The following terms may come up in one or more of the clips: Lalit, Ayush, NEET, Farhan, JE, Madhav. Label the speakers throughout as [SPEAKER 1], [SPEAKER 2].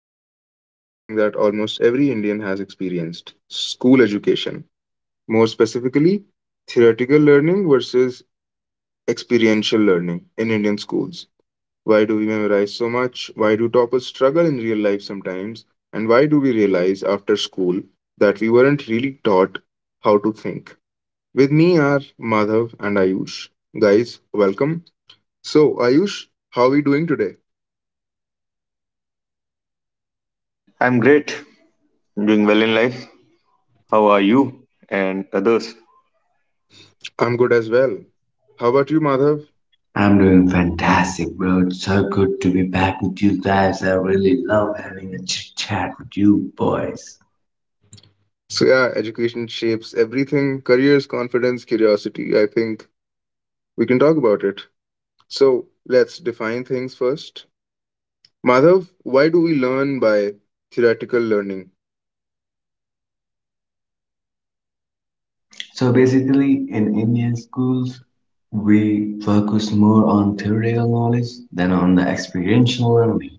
[SPEAKER 1] we are discussing something that almost every Indian has experienced: school education. More specifically, theoretical learning versus experiential learning in Indian schools. Why do we memorize so much? Why do toppers struggle in real life sometimes? And why do we realize after school that we weren't really taught how to think? With me are Madhav and Ayush. Guys, welcome. So, Ayush, how are we doing today?
[SPEAKER 2] I'm great, doing well in life. How are you and others?
[SPEAKER 1] I'm good as well. How about you, Madhav?
[SPEAKER 3] I'm doing fantastic, bro. It's so good to be back with you guys. I really love having a chit chat with you boys.
[SPEAKER 1] So, yeah, education shapes everything: careers, confidence, curiosity. I think we can talk about it. So, let's define things first. Madhav, why do we learn by theoretical learning?
[SPEAKER 3] So basically, in Indian schools, we focus more on theoretical knowledge than on the experiential learning.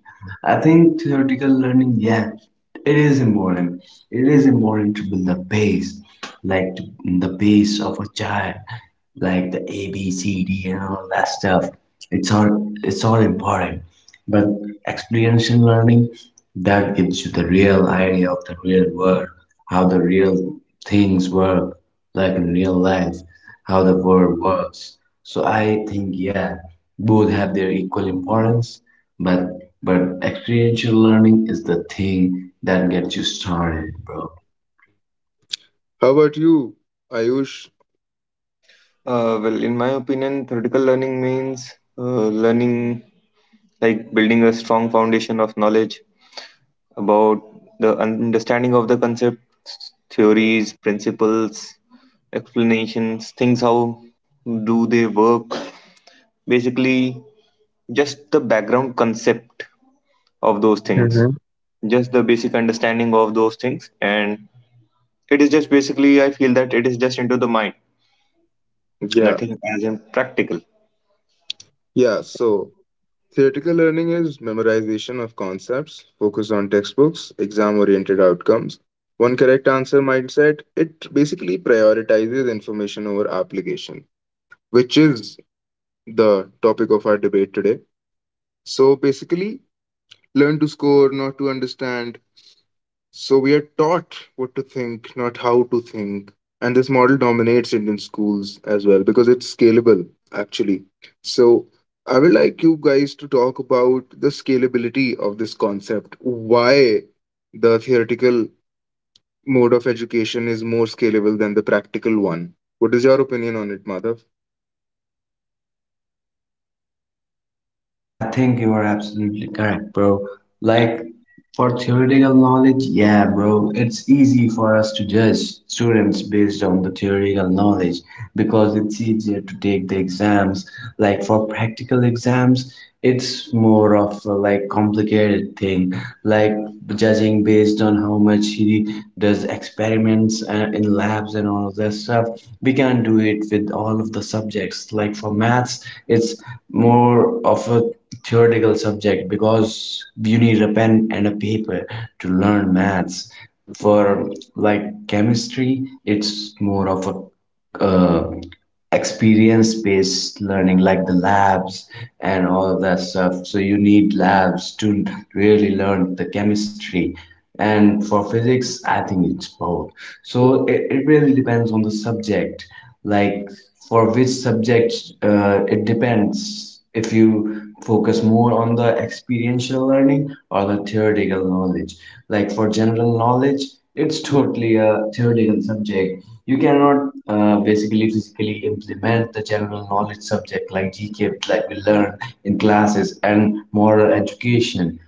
[SPEAKER 3] I think theoretical learning, yeah, it is important. It is important to build the base, like the base of a child, like the A, B, C, D, and all that stuff. It's all it's all important. But experiential learning, that gives you the real idea of the real world, how the real things work, like in real life how the world works. So I think, yeah, both have their equal importance, but but experiential learning is the thing that gets you started, bro.
[SPEAKER 1] How about you, Ayush?
[SPEAKER 2] Well, in my opinion, theoretical learning means learning like building a strong foundation of knowledge about the understanding of the concepts, theories, principles, explanations, things how do they work. Basically, just the background concept of those things,
[SPEAKER 1] Hmm.
[SPEAKER 2] just the basic understanding of those things, and it is just basically I feel that it is just into the mind
[SPEAKER 1] Yeah,
[SPEAKER 2] nothing as in practical.
[SPEAKER 1] yeah. So, theoretical learning is memorization of concepts, focus on textbooks, exam oriented outcomes. One correct answer mindset, it basically prioritizes information over application, which is the topic of our debate today. So basically, learn to score, not to understand. So we are taught what to think, not how to think. And this model dominates Indian schools as well because it's scalable, actually. So I would like you guys to talk about the scalability of this concept, why the theoretical mode of education is more scalable than the practical one. What is your opinion on it, Madhav?
[SPEAKER 3] I think you are absolutely correct, bro. Like, for theoretical knowledge, yeah, bro, it's easy for us to judge students based on the theoretical knowledge because it's easier to take the exams. Like, for practical exams, it's more of a, like, complicated thing, like judging based on how much he does experiments in labs and all of that stuff. We can do it with all of the subjects. Like, for maths, it's more of a theoretical subject because you need a pen and a paper to learn maths. For like chemistry, it's more of a experience-based learning, like the labs and all of that stuff, so you need labs to really learn the chemistry. And for physics, I think it's both. So it really depends on the subject, like for which subject. It depends, if you focus more on the experiential learning or the theoretical knowledge. Like, for general knowledge, it's totally a theoretical subject. You cannot basically physically implement the general knowledge subject, like GK, like we learn in classes, and moral education,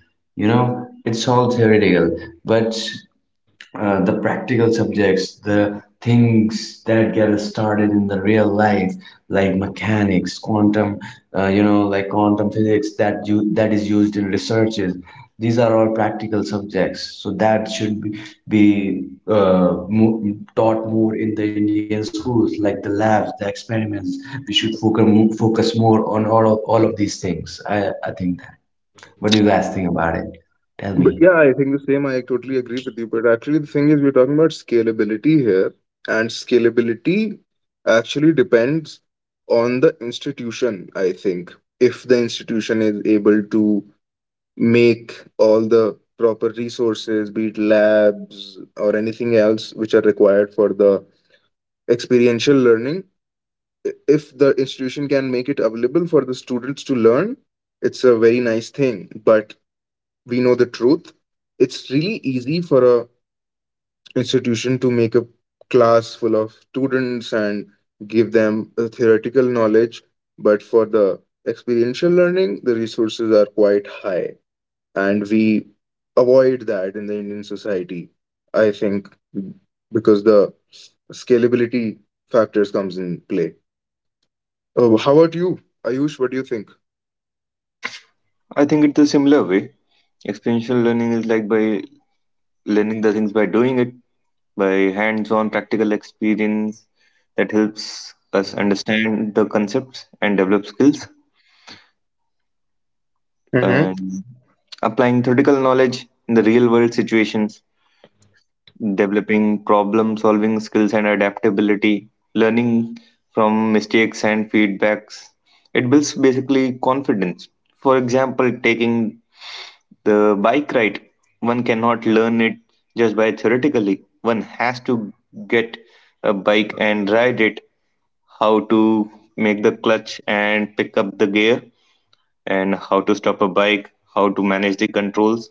[SPEAKER 3] you know it's all theoretical. But the practical subjects, the things that get us started in the real life, like mechanics, quantum, like quantum physics that is used in researches. These are all practical subjects, so that should be taught more in the Indian schools, like the labs, the experiments. We should focus focus more on all of these things. I think that. What do you guys think about it? Tell
[SPEAKER 1] But
[SPEAKER 3] me.
[SPEAKER 1] yeah, I think the same. I totally agree with you. But actually, the thing is, we're talking about scalability here, and scalability actually depends on the institution, I think. If the institution is able to make all the proper resources, be it labs or anything else which are required for the experiential learning, if the institution can make it available for the students to learn, it's a very nice thing. But we know the truth. It's really easy for a institution to make a class full of students and give them a theoretical knowledge. But for the experiential learning, the resources are quite high, and we avoid that in the Indian society, I think, because the scalability factors comes in play. Oh, how about you, Ayush? What do you think?
[SPEAKER 2] I think it's a similar way. Experiential learning is like by learning the things by doing it, by hands on practical experience that helps us understand the concepts and develop skills,
[SPEAKER 1] Mm-hmm.
[SPEAKER 2] and applying theoretical knowledge in the real world situations, developing problem solving skills and adaptability, learning from mistakes and feedbacks. It builds basically confidence. For example, taking the bike ride, one cannot learn it just by theoretically. One has to get a bike and ride it, how to make the clutch and pick up the gear, and how to stop a bike, how to manage the controls.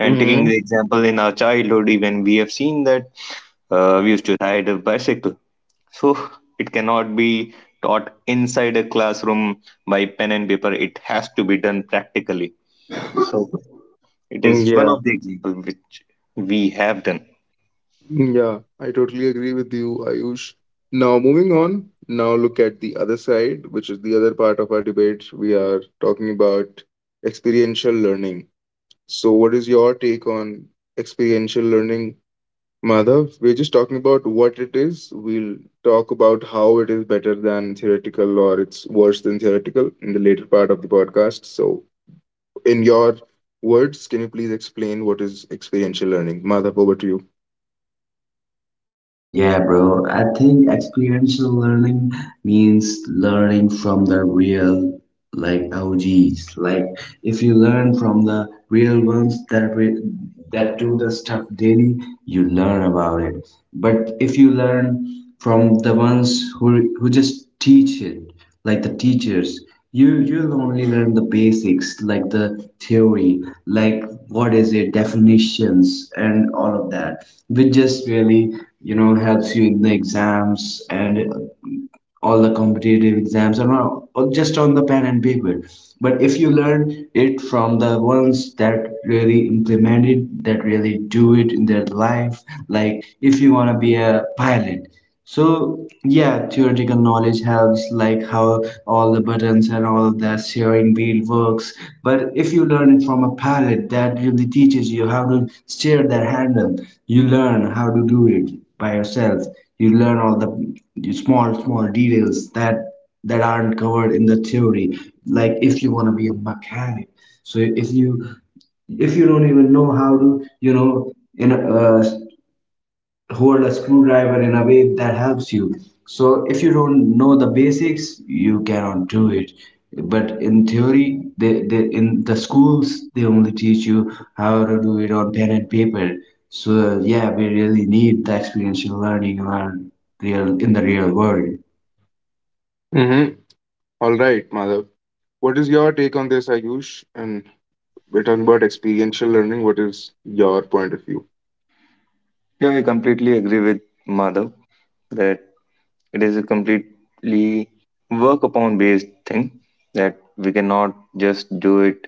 [SPEAKER 2] And taking the example in our childhood, even we have seen that we used to ride a bicycle. So it cannot be taught inside a classroom by pen and paper. It has to be done practically. So it is one
[SPEAKER 1] Mm-hmm.
[SPEAKER 2] of the example which we have done.
[SPEAKER 1] Yeah, I totally agree with you, Ayush. Now, moving on, now look at the other side, which is the other part of our debate. We are talking about experiential learning. So, what is your take on experiential learning, Madhav? We're just talking about what it is. We'll talk about how it is better than theoretical or it's worse than theoretical in the later part of the podcast. So, in your words, can you please explain what is experiential learning? Madhav, over to you.
[SPEAKER 3] Yeah, bro. I think experiential learning means learning from the real, like, OGs. Like, if you learn from the real ones that do the stuff daily, you learn about it. But if you learn from the ones who just teach it, like the teachers, you'll only learn the basics, like the theory, like what is it, definitions, and all of that, which just really helps you in the exams, and all the competitive exams, and not, or just on the pen and paper. But if you learn it from the ones that really implement it, that really do it in their life, like if you want to be a pilot, so yeah, theoretical knowledge helps, like how all the buttons and all that steering wheel works. But if you learn it from a pilot that really teaches you how to steer that handle, you learn how to do it by yourself. You learn all the small, small details that aren't covered in the theory. Like if you want to be a mechanic, so if you don't even know how to you know in hold a screwdriver in a way that helps you. So if you don't know the basics, you cannot do it. But in theory, they in the schools, they only teach you how to do it on pen and paper. So yeah, we really need the experiential learning in the real world.
[SPEAKER 1] Mm-hmm. All right, Madhav. What is your take on this, Ayush? And we're talking about experiential learning. What is your point of view?
[SPEAKER 2] Yeah, I completely agree with Madhav that it is a completely work upon based thing that we cannot just do it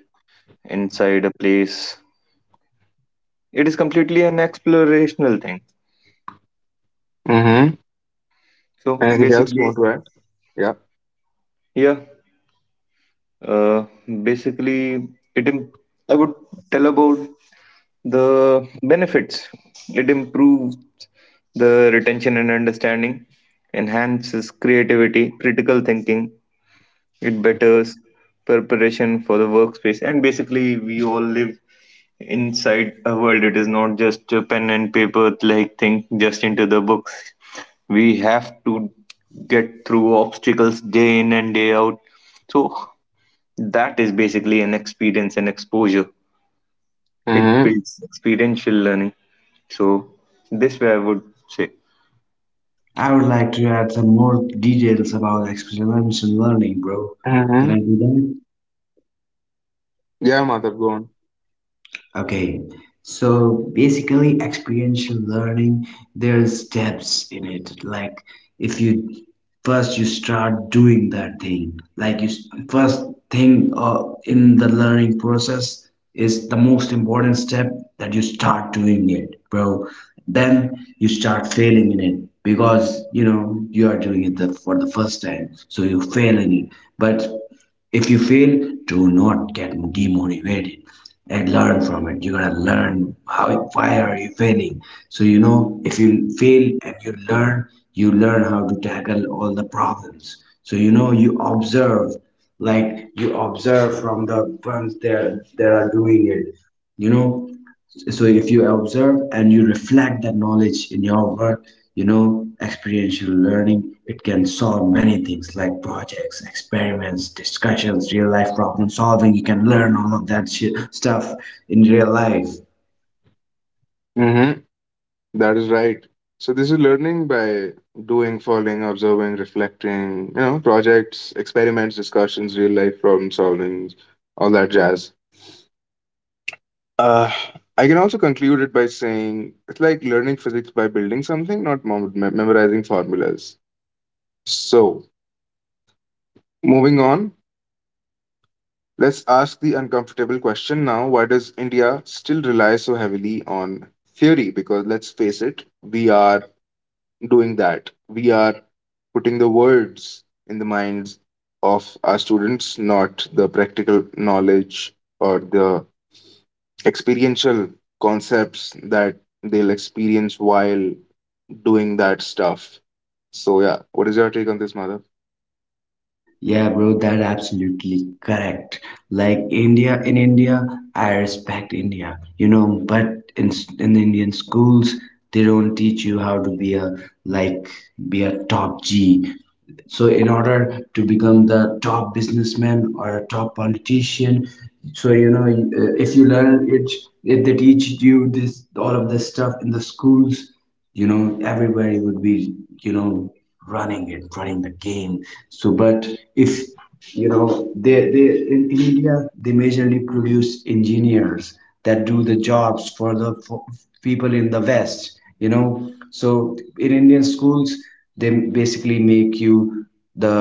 [SPEAKER 2] inside a place. It is completely an explorational thing.
[SPEAKER 1] Mm-hmm.
[SPEAKER 2] So
[SPEAKER 1] Anything else you
[SPEAKER 2] basically,
[SPEAKER 1] want to add? Yeah.
[SPEAKER 2] yeah, uh, basically, it Im- I would tell about the benefits. It improves the retention and understanding, enhances creativity, critical thinking, it betters preparation for the workspace, and basically we all live inside a world. It is not just a pen and paper like thing, just into the books. We have to get through obstacles day in and day out, so that is basically an experience and exposure. It
[SPEAKER 1] Mm-hmm.
[SPEAKER 2] builds experiential learning. So this way I would say.
[SPEAKER 3] I would like to add some more details about experiential learning, bro. Can
[SPEAKER 1] Mm-hmm.
[SPEAKER 3] I do that?
[SPEAKER 1] Yeah, Madhav, go on.
[SPEAKER 3] Okay, so basically, experiential learning, there's steps in it. Like, if you first you start doing that thing, like first thing, in the learning process, is the most important step, that you start doing it, bro. Then you start failing in it because you are doing it for the first time, so you fail in it. But if you fail, do not get demotivated and learn from it. You're gonna learn how why are you failing. So if you fail and you learn how to tackle all the problems. So you observe, like you observe from the ones that are doing it. You know so if you observe and you reflect that knowledge in your work, experiential learning, it can solve many things, like projects, experiments, discussions, real life problem solving. You can learn all of that stuff in real life.
[SPEAKER 1] Mm-hmm. That is right. So this is learning by doing, following, observing, reflecting, projects, experiments, discussions, real life problem solving, all that jazz. Uh, I can also conclude it by saying it's like learning physics by building something, not memorizing formulas. So, moving on, let's ask the uncomfortable question now. Why does India still rely so heavily on theory? Because let's face it, we are doing that. We are putting the words in the minds of our students, not the practical knowledge or the experiential concepts that they'll experience while doing that stuff. So, yeah, what is your take on this, Madhav?
[SPEAKER 3] Yeah, bro, that absolutely correct. Like, India, in India, I respect India, but in Indian schools, they don't teach you how to like be a top G. So in order to become the top businessman or a top politician, so, if you learn it if they teach you this all of this stuff in the schools, everybody would be, you know running the game. So, but if you know they in India, they majorly produce engineers that do the jobs for the for people in the west, so in Indian schools, they basically make you the,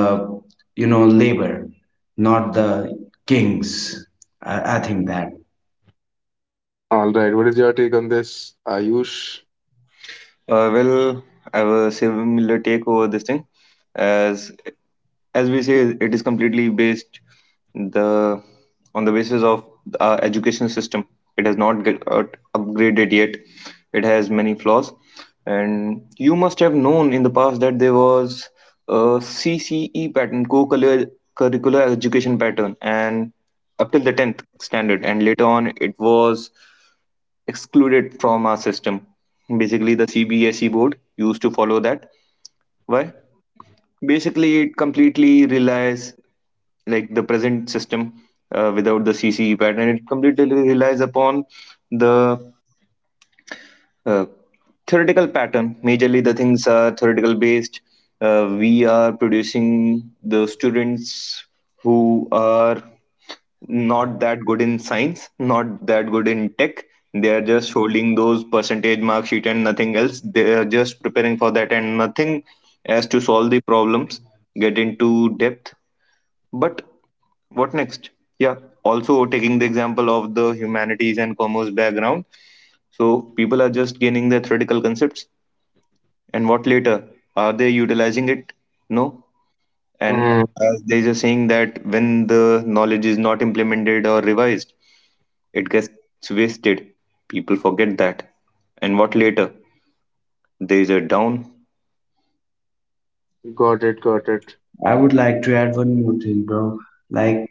[SPEAKER 3] labor, not the kings, I think that.
[SPEAKER 1] All right, what is your take on this, Ayush?
[SPEAKER 2] Well, I have a similar take over this thing. As as we say, it is completely based the on the basis of our education system. It has not get, upgraded yet. It has many flaws, and you must have known in the past that there was a CCE pattern, co-curricular curricular education pattern, and up till the 10th standard, and later on it was excluded from our system. Basically the CBSE board used to follow that. Why? Basically, it completely relies like the present system, without the CCE pattern. It completely relies upon the uh, theoretical pattern. Majorly the things are theoretical based. We are producing the students who are not that good in science, not that good in tech. They are just holding those percentage mark sheet and nothing else. They are just preparing for that and nothing as to solve the problems, get into depth. But what next? Yeah, also taking the example of the humanities and commerce background, so people are just gaining their theoretical concepts. And what later? Are they utilizing it? No. And as there is a saying that when the knowledge is not implemented or revised, it gets wasted. People forget that. And what later? There is a down.
[SPEAKER 1] Got it, got it.
[SPEAKER 3] I would like to add one more thing, bro. Like,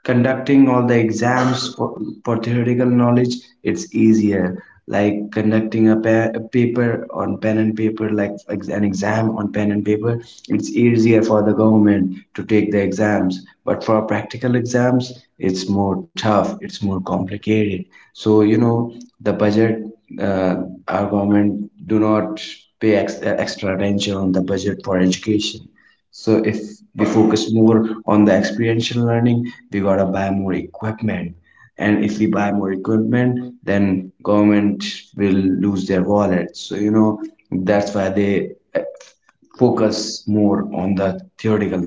[SPEAKER 3] conducting all the exams for theoretical knowledge, it's easier, like conducting a paper on pen and paper, like an exam on pen and paper. It's easier for the government to take the exams, but for practical exams, it's more tough, it's more complicated. So, the budget, uh, our government do not pay extra attention on the budget for education. So if we focus more on the experiential learning, we gotta buy more equipment, and if we buy more equipment, then government will lose their wallet. So, that's why they focus more on the theoretical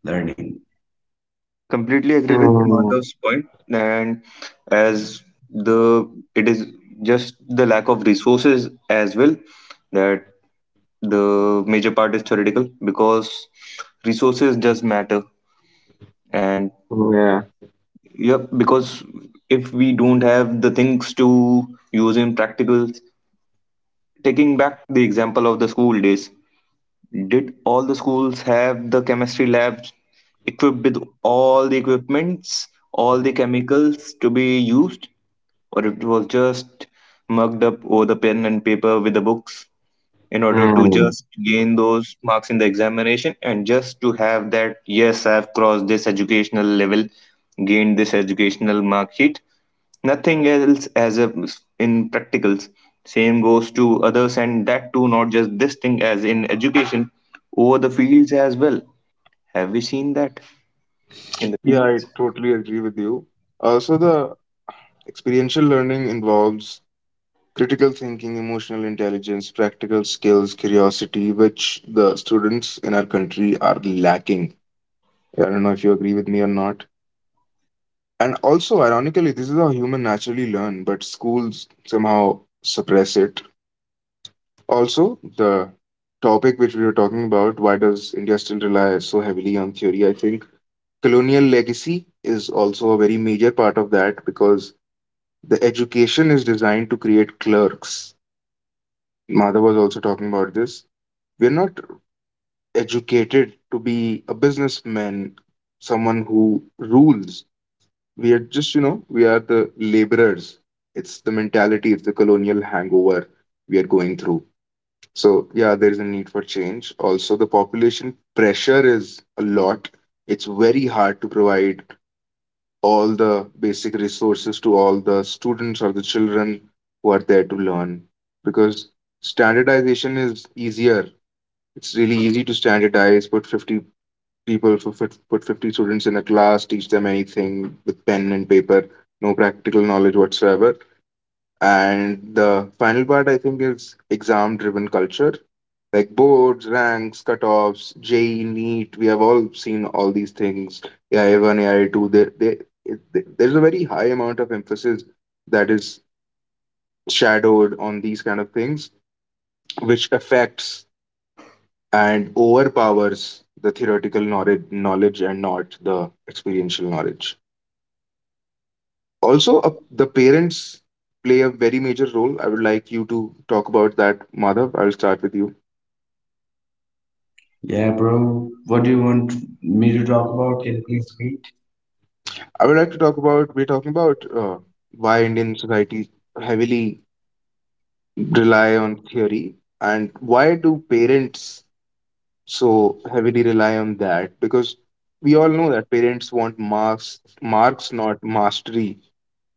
[SPEAKER 3] learning.
[SPEAKER 2] I completely agree with
[SPEAKER 1] Mm,
[SPEAKER 2] Madhav's point, and as the it is just the lack of resources as well, that the major part is theoretical because resources does matter. And
[SPEAKER 1] yeah.
[SPEAKER 2] yep, because if we don't have the things to use in practicals, taking back the example of the school days, did all the schools have the chemistry labs equipped with all the equipments, all the chemicals to be used, or it was just mugged up over the pen and paper with the books in order to
[SPEAKER 1] Mm.
[SPEAKER 2] just gain those marks in the examination and just to have that yes, I've crossed this educational level, gained this educational mark sheet, nothing else as a in practicals. Same goes to others, and that too not just this thing as in education, over the fields as well. Have we seen that in the
[SPEAKER 1] Yeah, I
[SPEAKER 2] fields?
[SPEAKER 1] totally agree with you. Also, the experiential learning involves critical thinking, emotional intelligence, practical skills, curiosity, which the students in our country are lacking. I don't know if you agree with me or not. And also, ironically, this is how human naturally learn, but schools somehow suppress it. Also, the topic which we were talking about, why does India still rely so heavily on theory? I think colonial legacy is also a very major part of that because the education is designed to create clerks. Madhav was also talking about this. We're not educated to be a businessman, someone who rules. We are just, we are the laborers. It's the mentality, it's the colonial hangover we are going through. So, yeah, there is a need for change. Also, the population pressure is a lot. It's very hard to provide all the basic resources to all the students or the children who are there to learn because standardization is easier. It's really easy to standardize, put 50 people for fif- put 50 students in a class, teach them anything with pen and paper, no practical knowledge whatsoever. And the final part, I think, is exam driven culture, like boards, ranks, cutoffs, JE, NEET. We have all seen all these things. AI one, AI two. There's a very high amount of emphasis that is shadowed on these kind of things, which affects and overpowers the theoretical knowledge and not the experiential knowledge. Also, the parents play a very major role. I would like you to talk about that, Madhav. I'll start with you.
[SPEAKER 3] Yeah, bro, what do you want me to talk about? Can you please speak?
[SPEAKER 1] I would like to talk about we're talking about why Indian society heavily rely on theory and why do parents so heavily rely on that? Because we all know that parents want marks, marks not mastery.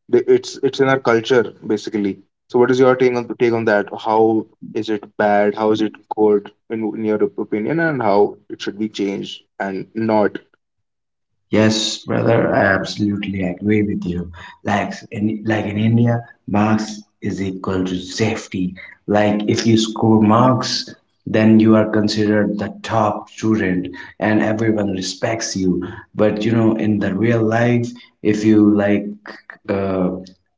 [SPEAKER 1] It's in our culture basically. So what is your take on that? How is it bad? How is it good in your opinion? And how it should be changed and not?
[SPEAKER 3] Yes, brother, I absolutely agree with you. Like in India, marks is equal to safety. Like if you score marks, then you are considered the top student and everyone respects you. But, in the real life, if you uh,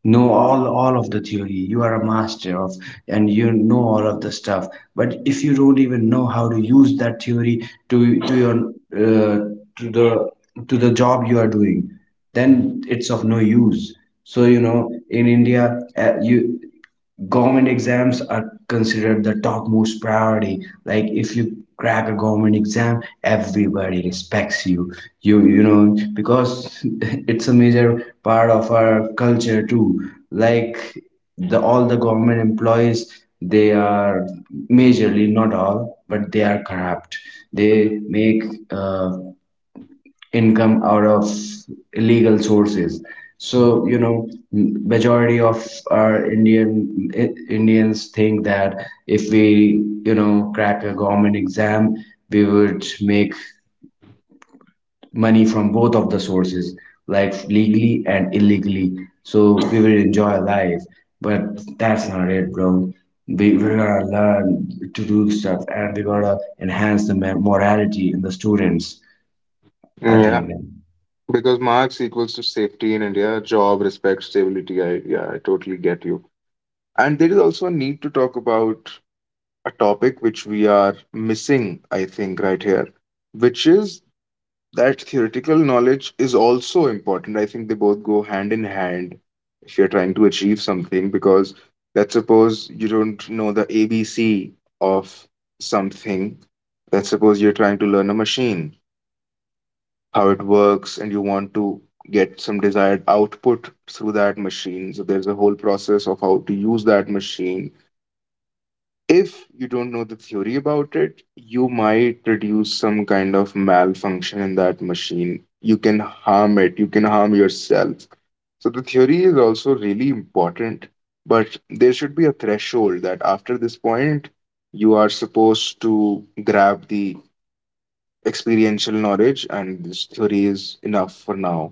[SPEAKER 3] know all of the theory, you are a master of, and you know all of the stuff. But if you don't even know how to use that theory to your to the to the job you are doing, then it's of no use. So, in India, you government exams are considered the topmost priority. Like, if you crack a government exam, everybody respects you, you you know because it's a major part of our culture too. Like, the all the government employees, they are, majorly not all, but they are corrupt. They make uh, income out of illegal sources. So, majority of our Indian Indians think that if we, crack a government exam, we would make money from both of the sources, like legally and illegally, so we will enjoy life. But that's not it, bro. We're gonna learn to do stuff, and we got to enhance the morality in the students, I
[SPEAKER 1] Yeah.
[SPEAKER 3] think.
[SPEAKER 1] Because marks equals to safety in India, job, respect, stability. I yeah, I totally get you. And there is also a need to talk about a topic which we are missing, I think, right here, which is that theoretical knowledge is also important. I think they both go hand in hand if you're trying to achieve something, because let's suppose you don't know the ABC of something. Let's suppose you're trying to learn a machine how it works, and you want to get some desired output through that machine. So there's a whole process of how to use that machine. If you don't know the theory about it, you might produce some kind of malfunction in that machine. You can harm it, you can harm yourself. So the theory is also really important, but there should be a threshold that after this point, you are supposed to grab the experiential knowledge, and this theory is enough for now.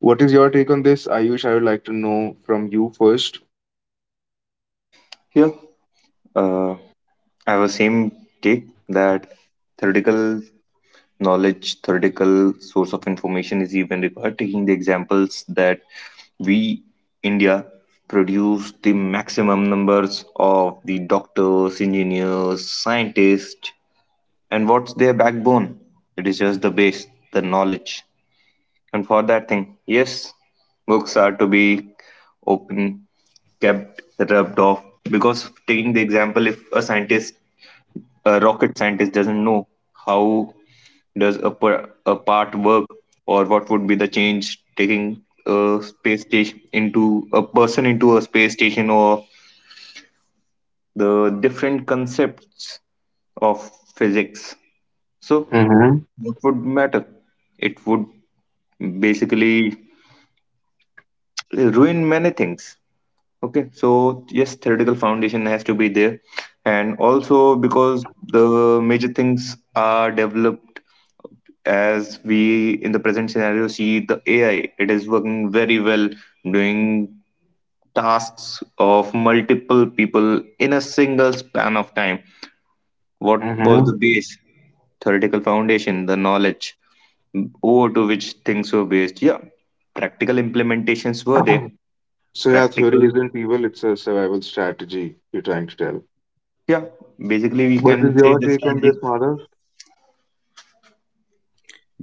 [SPEAKER 1] What is your take on this, Ayush? I would like to know from you first.
[SPEAKER 2] Here, uh, I have a same take that theoretical knowledge, theoretical source of information is even required, taking the examples that we India produce the maximum numbers of the doctors, engineers, scientists. And what's their backbone? It is just the base, the knowledge. And for that thing, yes, books are to be open, kept, rubbed off. Because taking the example, if a scientist, a rocket scientist, doesn't know how does a part work, or what would be the change taking a space station into a person into a space station, or the different concepts of physics, so
[SPEAKER 1] Mm-hmm.
[SPEAKER 2] what would matter, it would basically ruin many things. Okay, so yes, theoretical foundation has to be there. And also because the major things are developed, as we in the present scenario see the AI, it is working very well, doing tasks of multiple people in a single span of time. What was the
[SPEAKER 1] Mm-hmm.
[SPEAKER 2] base? Theoretical foundation, the knowledge over to which things were based. Yeah, practical implementations were there.
[SPEAKER 1] So, yeah, theory
[SPEAKER 2] Practical
[SPEAKER 1] isn't evil, it's a survival strategy you're trying to tell.
[SPEAKER 2] Yeah, basically we
[SPEAKER 1] What is
[SPEAKER 2] can say
[SPEAKER 1] your
[SPEAKER 2] the
[SPEAKER 1] take on this,
[SPEAKER 2] strategy.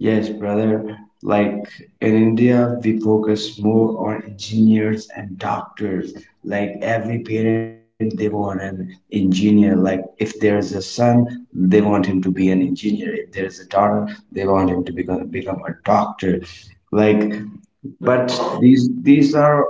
[SPEAKER 3] Yes, brother. Like in India, we focus more on engineers and doctors. Like every parent, they want an engineer. Like, if there is a son, they want him to be an engineer. If there is a daughter, they want him to become a doctor. Like, but these are,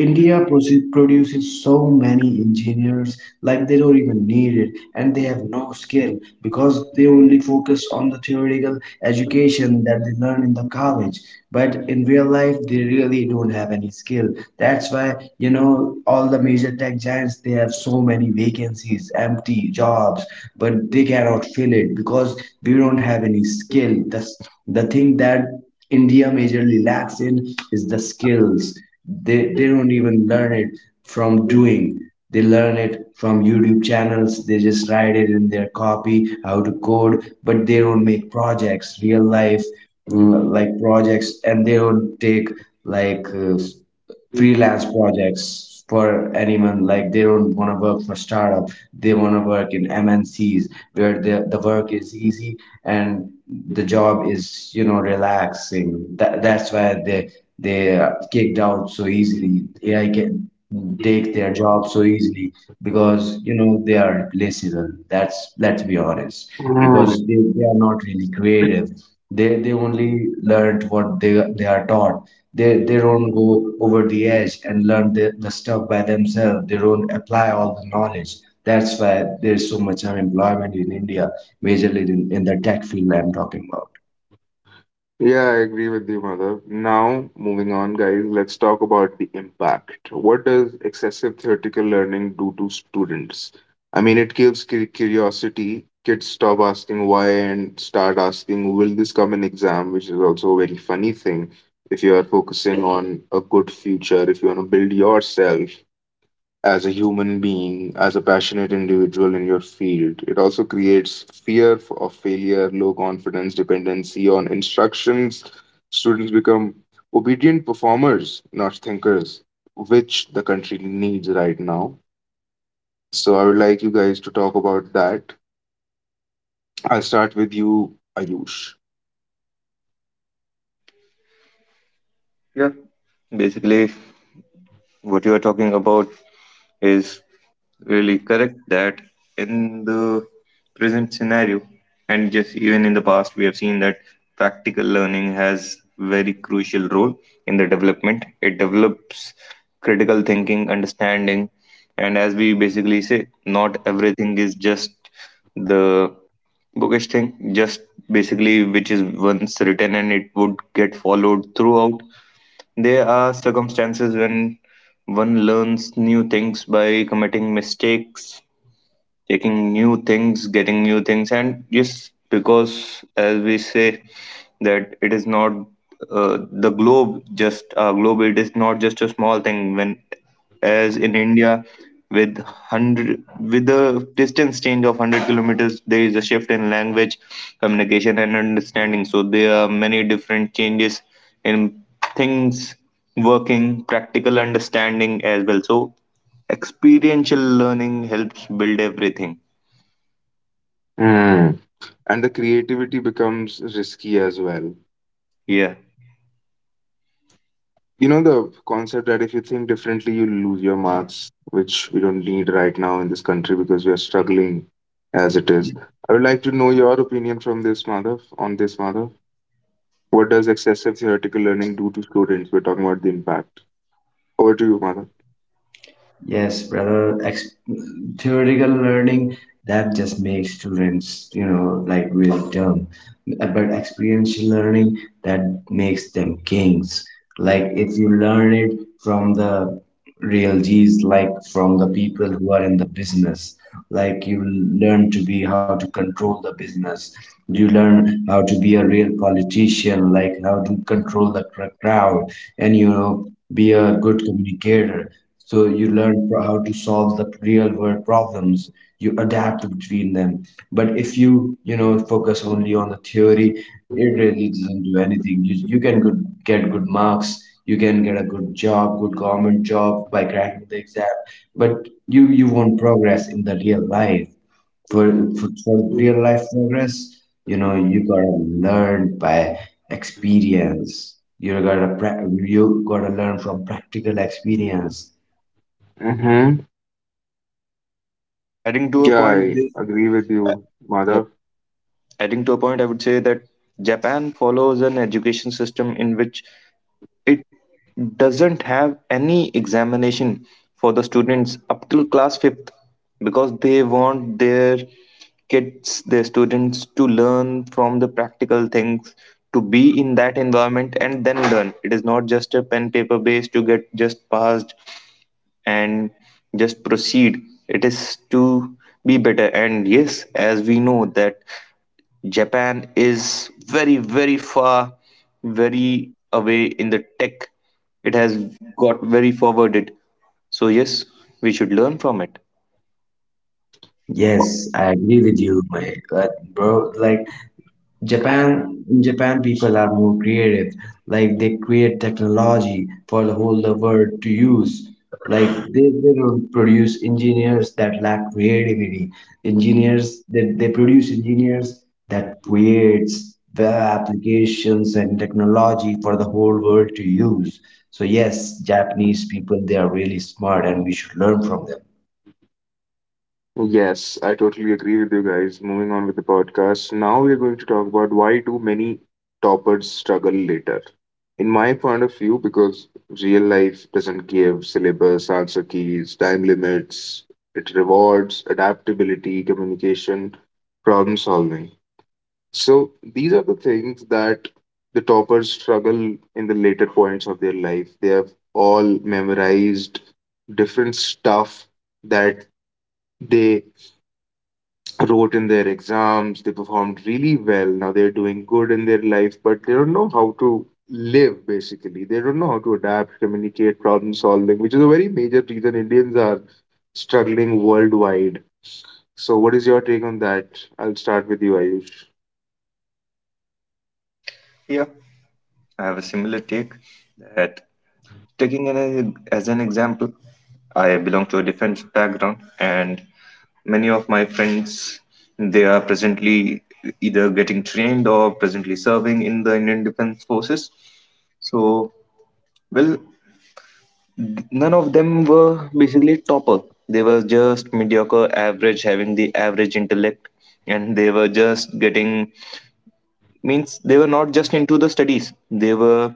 [SPEAKER 3] India, produces so many engineers, like they don't even need it, and they have no skill because they only focus on the theoretical education that they learn in the college. But in real life, they really don't have any skill. That's why, all the major tech giants, they have so many vacancies, empty jobs, but they cannot fill it because we don't have any skill. That's the thing that India majorly lacks in, is the skills. They don't even learn it from doing. They learn it from YouTube channels. They just write it in their copy, how to code, but they don't make projects, real life like projects, and they don't take like uh, freelance projects for anyone. Like they don't want to work for startup, they want to work in mncs where the work is easy and the job is relaxing. That's why they are kicked out so easily. AI can take their job so easily because they are replaceable. That's Let's be honest, because
[SPEAKER 1] Madhav?
[SPEAKER 3] they are not really creative. They only learned what they are taught. They don't go over the edge and learn the stuff by themselves. They don't apply all the knowledge. That's why there's so much unemployment in India, majorly in the tech field I'm talking about.
[SPEAKER 1] Yeah, I agree with you, Madhav. Now, moving on, guys, let's talk about the impact. What does excessive theoretical learning do to students? I mean, it kills curiosity. Kids stop asking why and start asking, will this come in exam? Which is also a very funny thing. If you are focusing on a good future, if you want to build yourself, as a human being, as a passionate individual in your field. It also creates fear of failure, low confidence, dependency on instructions. Students become obedient performers, not thinkers, which the country needs right now. So I would like you guys to talk about that. I'll start with you, Ayush.
[SPEAKER 2] Yeah, basically what you are talking about is really correct that in the present scenario, and just even in the past, we have seen that practical learning has very crucial role in the development. It develops critical thinking, understanding. And as we basically say, not everything is just the bookish thing, just basically which is once written and it would get followed throughout. There are circumstances when one learns new things by committing mistakes, taking new things, getting new things. And yes, because as we say that it is not the globe, just our globe, it is not just a small thing. When as in India, with hundred with a distance change of 100 kilometers, there is a shift in language, communication, and understanding. So there are many different changes in things, working, practical understanding as well. So experiential learning helps build everything.
[SPEAKER 1] Hmm. And the creativity becomes risky as well.
[SPEAKER 2] Yeah,
[SPEAKER 1] You know the concept that if you think differently, you lose your marks, which we don't need right now in this country because we are struggling as it is. I would like to know your opinion from this, Madhav, on this, Madhav. What does excessive theoretical learning do to students? We're talking about the impact. Over to you, Madhav.
[SPEAKER 3] Yes, brother. Theoretical learning, that just makes students, like, really dumb. But experiential learning, that makes them kings. Like if you learn it from the real G's, like from the people who are in the business, like you learn to be how to control the business. You learn how to be a real politician, like how to control the crowd, and you know, be a good communicator, so you learn how to solve the real world problems. You adapt between them. But if you, focus only on the theory, it really doesn't do anything. You can good, get good marks. You can get a good job, good government job by cracking the exam. But you won't progress in the real life. For real life progress, you know, you gotta learn by experience. You gotta, you gotta learn from practical experience.
[SPEAKER 1] Mm-hmm.
[SPEAKER 2] adding to a
[SPEAKER 1] Yeah,
[SPEAKER 2] point.
[SPEAKER 1] I
[SPEAKER 2] This,
[SPEAKER 1] agree with you,
[SPEAKER 2] yep,
[SPEAKER 1] Madhav.
[SPEAKER 2] adding to a point, I would say that Japan follows an education system in which it doesn't have any examination for the students up till class 5th, because they want their kids their students to learn from the practical things, to be in that environment and then learn. It is not just a pen paper based to get just passed and just proceed. It is to be better. And yes, as we know that Japan is very, very far, very away in the tech. It has got very forwarded. So, yes, we should learn from it.
[SPEAKER 3] Yes, I agree with you, my bro. Like Japan people are more creative. Like they create technology for the whole the world to use. Like they don't produce engineers that lack creativity. Engineers they produce engineers that creates web applications and technology for the whole world to use. So yes, Japanese people, they are really smart, and we should learn from them.
[SPEAKER 1] Yes, I totally agree with you guys. Moving on with the podcast, now we are going to talk about why do many toppers struggle later. In my point of view, because real life doesn't give syllabus, answer keys, time limits, it rewards adaptability, communication, problem solving. So these are the things that the toppers struggle in the later points of their life. They have all memorized different stuff that they wrote in their exams, they performed really well. Now they're doing good in their life, but they don't know how to live basically. They don't know how to adapt, communicate, problem solving, which is a very major reason Indians are struggling worldwide. So, what is your take on that? I'll start with you, Ayush.
[SPEAKER 2] Yeah, I have a similar take that taking an, as an example, I belong to a defense background, and many of my friends, they are presently either getting trained or presently serving in the Indian Defense Forces. So, well, none of them were basically topper. They were just mediocre, average, having the average intellect, and they were just getting, means they were not just into the studies. They were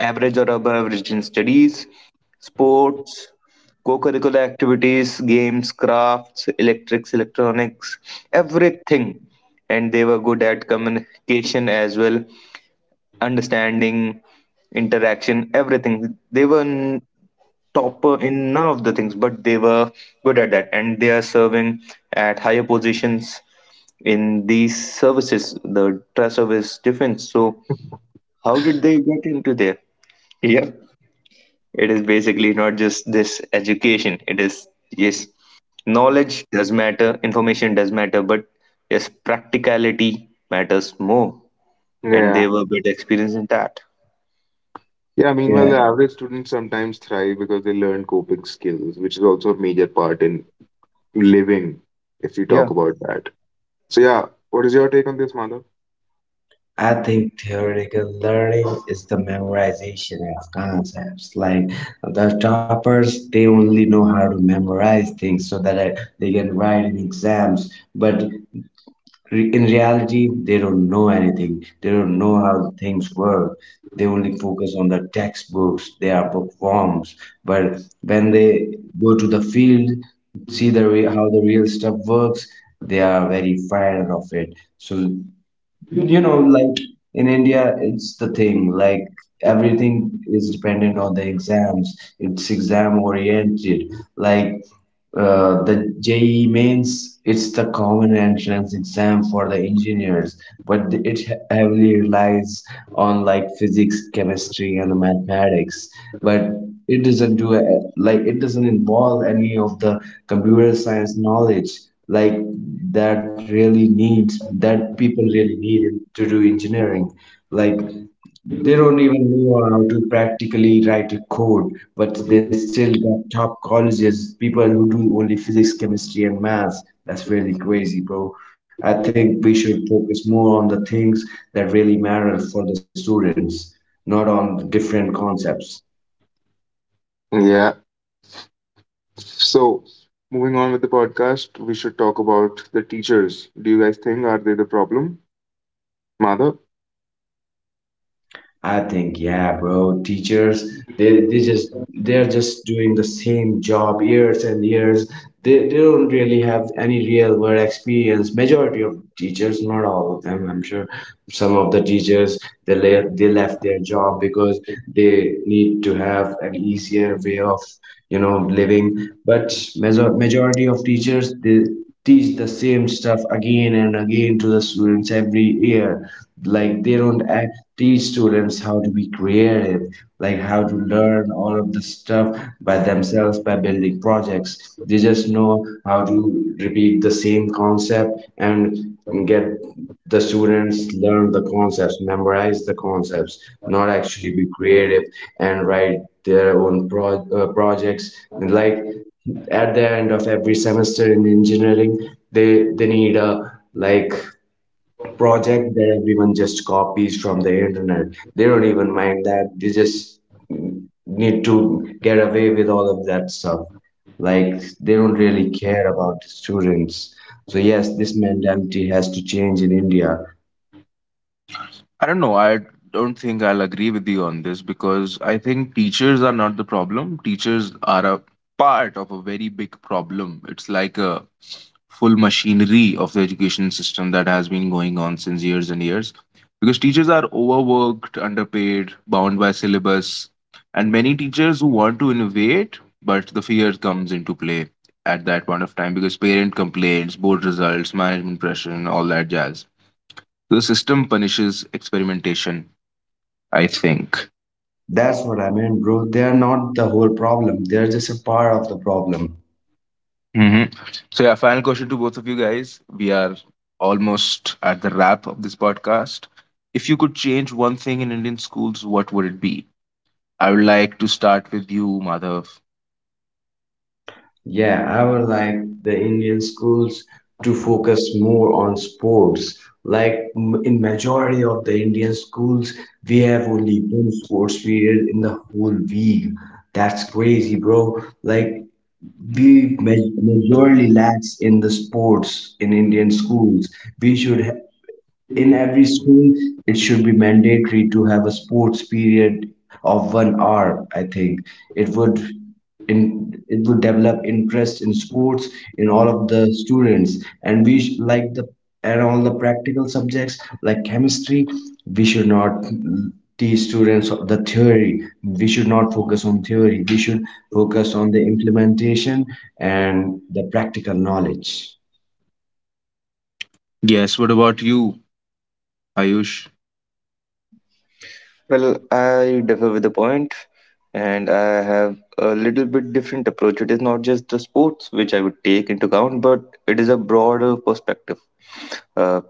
[SPEAKER 2] average or above average in studies, sports, co-curricular activities, games, crafts, electrics, electronics, everything. And they were good at communication as well, understanding, interaction, everything. They were top in none of the things, but they were good at that, and they are serving at higher positions in these services, the trust service defense. So, how did they get into there? Yep, it is basically not just this education. It is yes, knowledge does matter, information does matter, but yes, practicality matters more, and they
[SPEAKER 1] Yeah.
[SPEAKER 2] were good experience in that.
[SPEAKER 1] Yeah, meanwhile,
[SPEAKER 3] Yeah.
[SPEAKER 1] the average students sometimes thrive because they learn coping skills, which is also a major part in living, if you
[SPEAKER 2] Yeah.
[SPEAKER 1] talk about that. So, yeah, what is your take on this, Madhav?
[SPEAKER 3] I think theoretical learning is the memorization of concepts. Like the toppers, they only know how to memorize things so that they can write in exams. But in reality, they don't know anything. They don't know how things work. They only focus on the textbooks. They are bookworms. But when they go to the field, see the how the real stuff works, they are very fired of it. So, you know, like, in India, it's the thing, like, everything is dependent on the exams. It's exam oriented. like the JEE means it's the common entrance exam for the engineers, but it heavily relies on, like, physics, chemistry, and the mathematics. But it doesn't like, it doesn't involve any of the computer science knowledge, like, that really needs, that people really need to do engineering. Like they don't even know how to practically write a code, but they still got top colleges, people who do only physics, chemistry, and maths. That's really crazy, bro. I think we should focus more on the things that really matter for the students, not on different concepts.
[SPEAKER 1] Yeah, so, moving on with the podcast, we should talk about the teachers. Do you guys think are they the problem? Madhav?
[SPEAKER 3] I think, yeah, bro. Teachers, they just, they're just doing the same job years and years. They don't really have any real world experience. Majority of teachers, not all of them, I'm sure. Some of the teachers, they left their job because they need to have an easier way of, you know, living. But majority of teachers, they teach the same stuff again and again to the students every year. Like they don't act, teach students how to be creative, like how to learn all of the stuff by themselves by building projects. They just know how to repeat the same concept, and get the students learn the concepts, memorize the concepts, not actually be creative and write their own projects. And like, at the end of every semester in engineering, they need a like project that everyone just copies from the internet. They don't even mind that. They just need to get away with all of that stuff. Like they don't really care about the students. So yes, this mentality has to change in India.
[SPEAKER 1] I don't know. I don't think I'll agree with you on this because I think teachers are not the problem. Teachers are a part of a very big problem. It's like a full machinery of the education system that has been going on since years and years. Because teachers are overworked, underpaid, bound by syllabus, and many teachers who want to innovate, but the fear comes into play at that point of time because parent complaints, board results, management pressure, and all that jazz. The system punishes experimentation, I think.
[SPEAKER 3] That's what I mean, bro. They are not the whole problem. They're just a part of the problem.
[SPEAKER 1] Hmm. So, yeah, final question to both of you guys. We are almost at the wrap of this podcast. If you could change one thing in Indian schools, what would it be? I would like to start with you, Madhav.
[SPEAKER 3] Yeah, I would like the Indian schools to focus more on sports. Like in majority of the Indian schools, we have only one sports period in the whole week. That's crazy, bro. Like we ma- majority lacks in the sports in Indian schools. We should in every school, it should be mandatory to have a sports period of 1 hour, I think. It would in it would develop interest in sports in all of the students. And we sh- like the and all the practical subjects like chemistry, we should not teach students the theory. We should not focus on theory, we should focus on the implementation and the practical knowledge.
[SPEAKER 1] Yes, what about you, Ayush?
[SPEAKER 2] Well, I differ with the point, and I have a little bit different approach. It is not just the sports which I would take into account, but it is a broader perspective. Uh,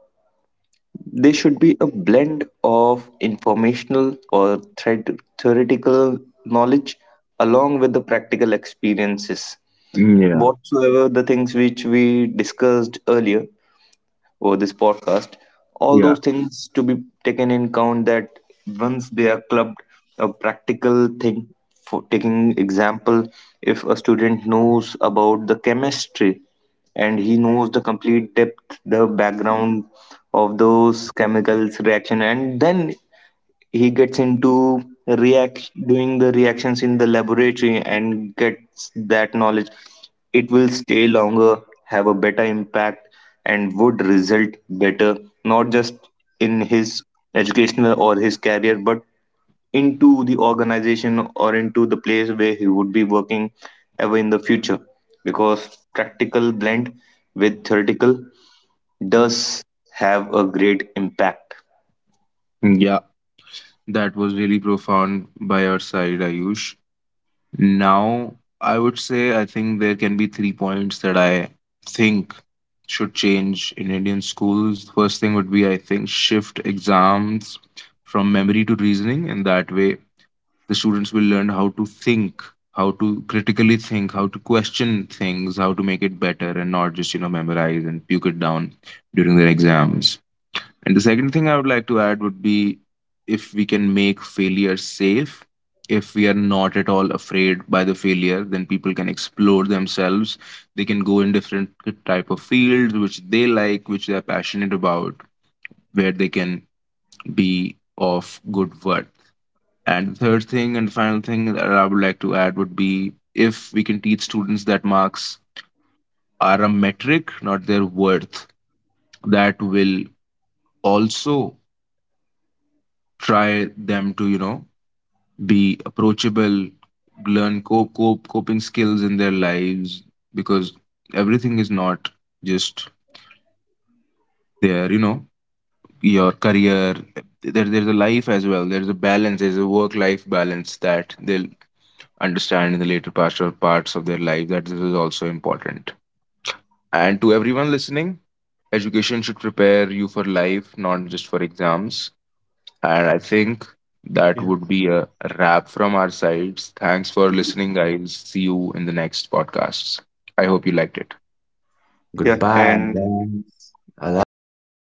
[SPEAKER 2] they should be a blend of informational or theoretical knowledge along with the practical experiences.
[SPEAKER 1] Yeah,
[SPEAKER 2] Whatsoever the things which we discussed earlier or this podcast, all
[SPEAKER 1] yeah.
[SPEAKER 2] those things to be taken in count, that once they are clubbed, a practical thing, for taking example, if a student knows about the chemistry and he knows the complete depth, the background of those chemicals reaction, and then he gets into react doing the reactions in the laboratory and gets that knowledge, it will stay longer, have a better impact and would result better, not just in his educational or his career, but into the organization or into the place where he would be working ever in the future, because practical blend with theoretical does have a great impact.
[SPEAKER 1] Yeah, that was really profound by your side, Ayush. Now, I would say I think there can be three points that I think should change in Indian schools. First thing would be I think shift exams from memory to reasoning, and that way the students will learn how to think, how to critically think, how to question things, how to make it better, and not just memorize and puke it down during their exams. And the second thing I would like to add would be if we can make failure safe, if we are not at all afraid by the failure, then people can explore themselves. They can go in different type of fields which they like, which they are passionate about, where they can be of good worth. And the third thing and final thing that I would like to add would be if we can teach students that marks are a metric, not their worth, that will also try them to, be approachable, learn cope, cope coping skills in their lives because everything is not just there, your career. There's a life as well. There's a balance. There's a work-life balance that they'll understand in the later parts or parts of their life. That this is also important. And to everyone listening, education should prepare you for life, not just for exams. And I think that
[SPEAKER 2] Yeah.
[SPEAKER 1] would be a wrap from our sides. Thanks for listening, guys. See you in the next podcasts. I hope you liked it.
[SPEAKER 2] Yeah, and
[SPEAKER 3] Goodbye then. I love
[SPEAKER 2] I
[SPEAKER 3] you.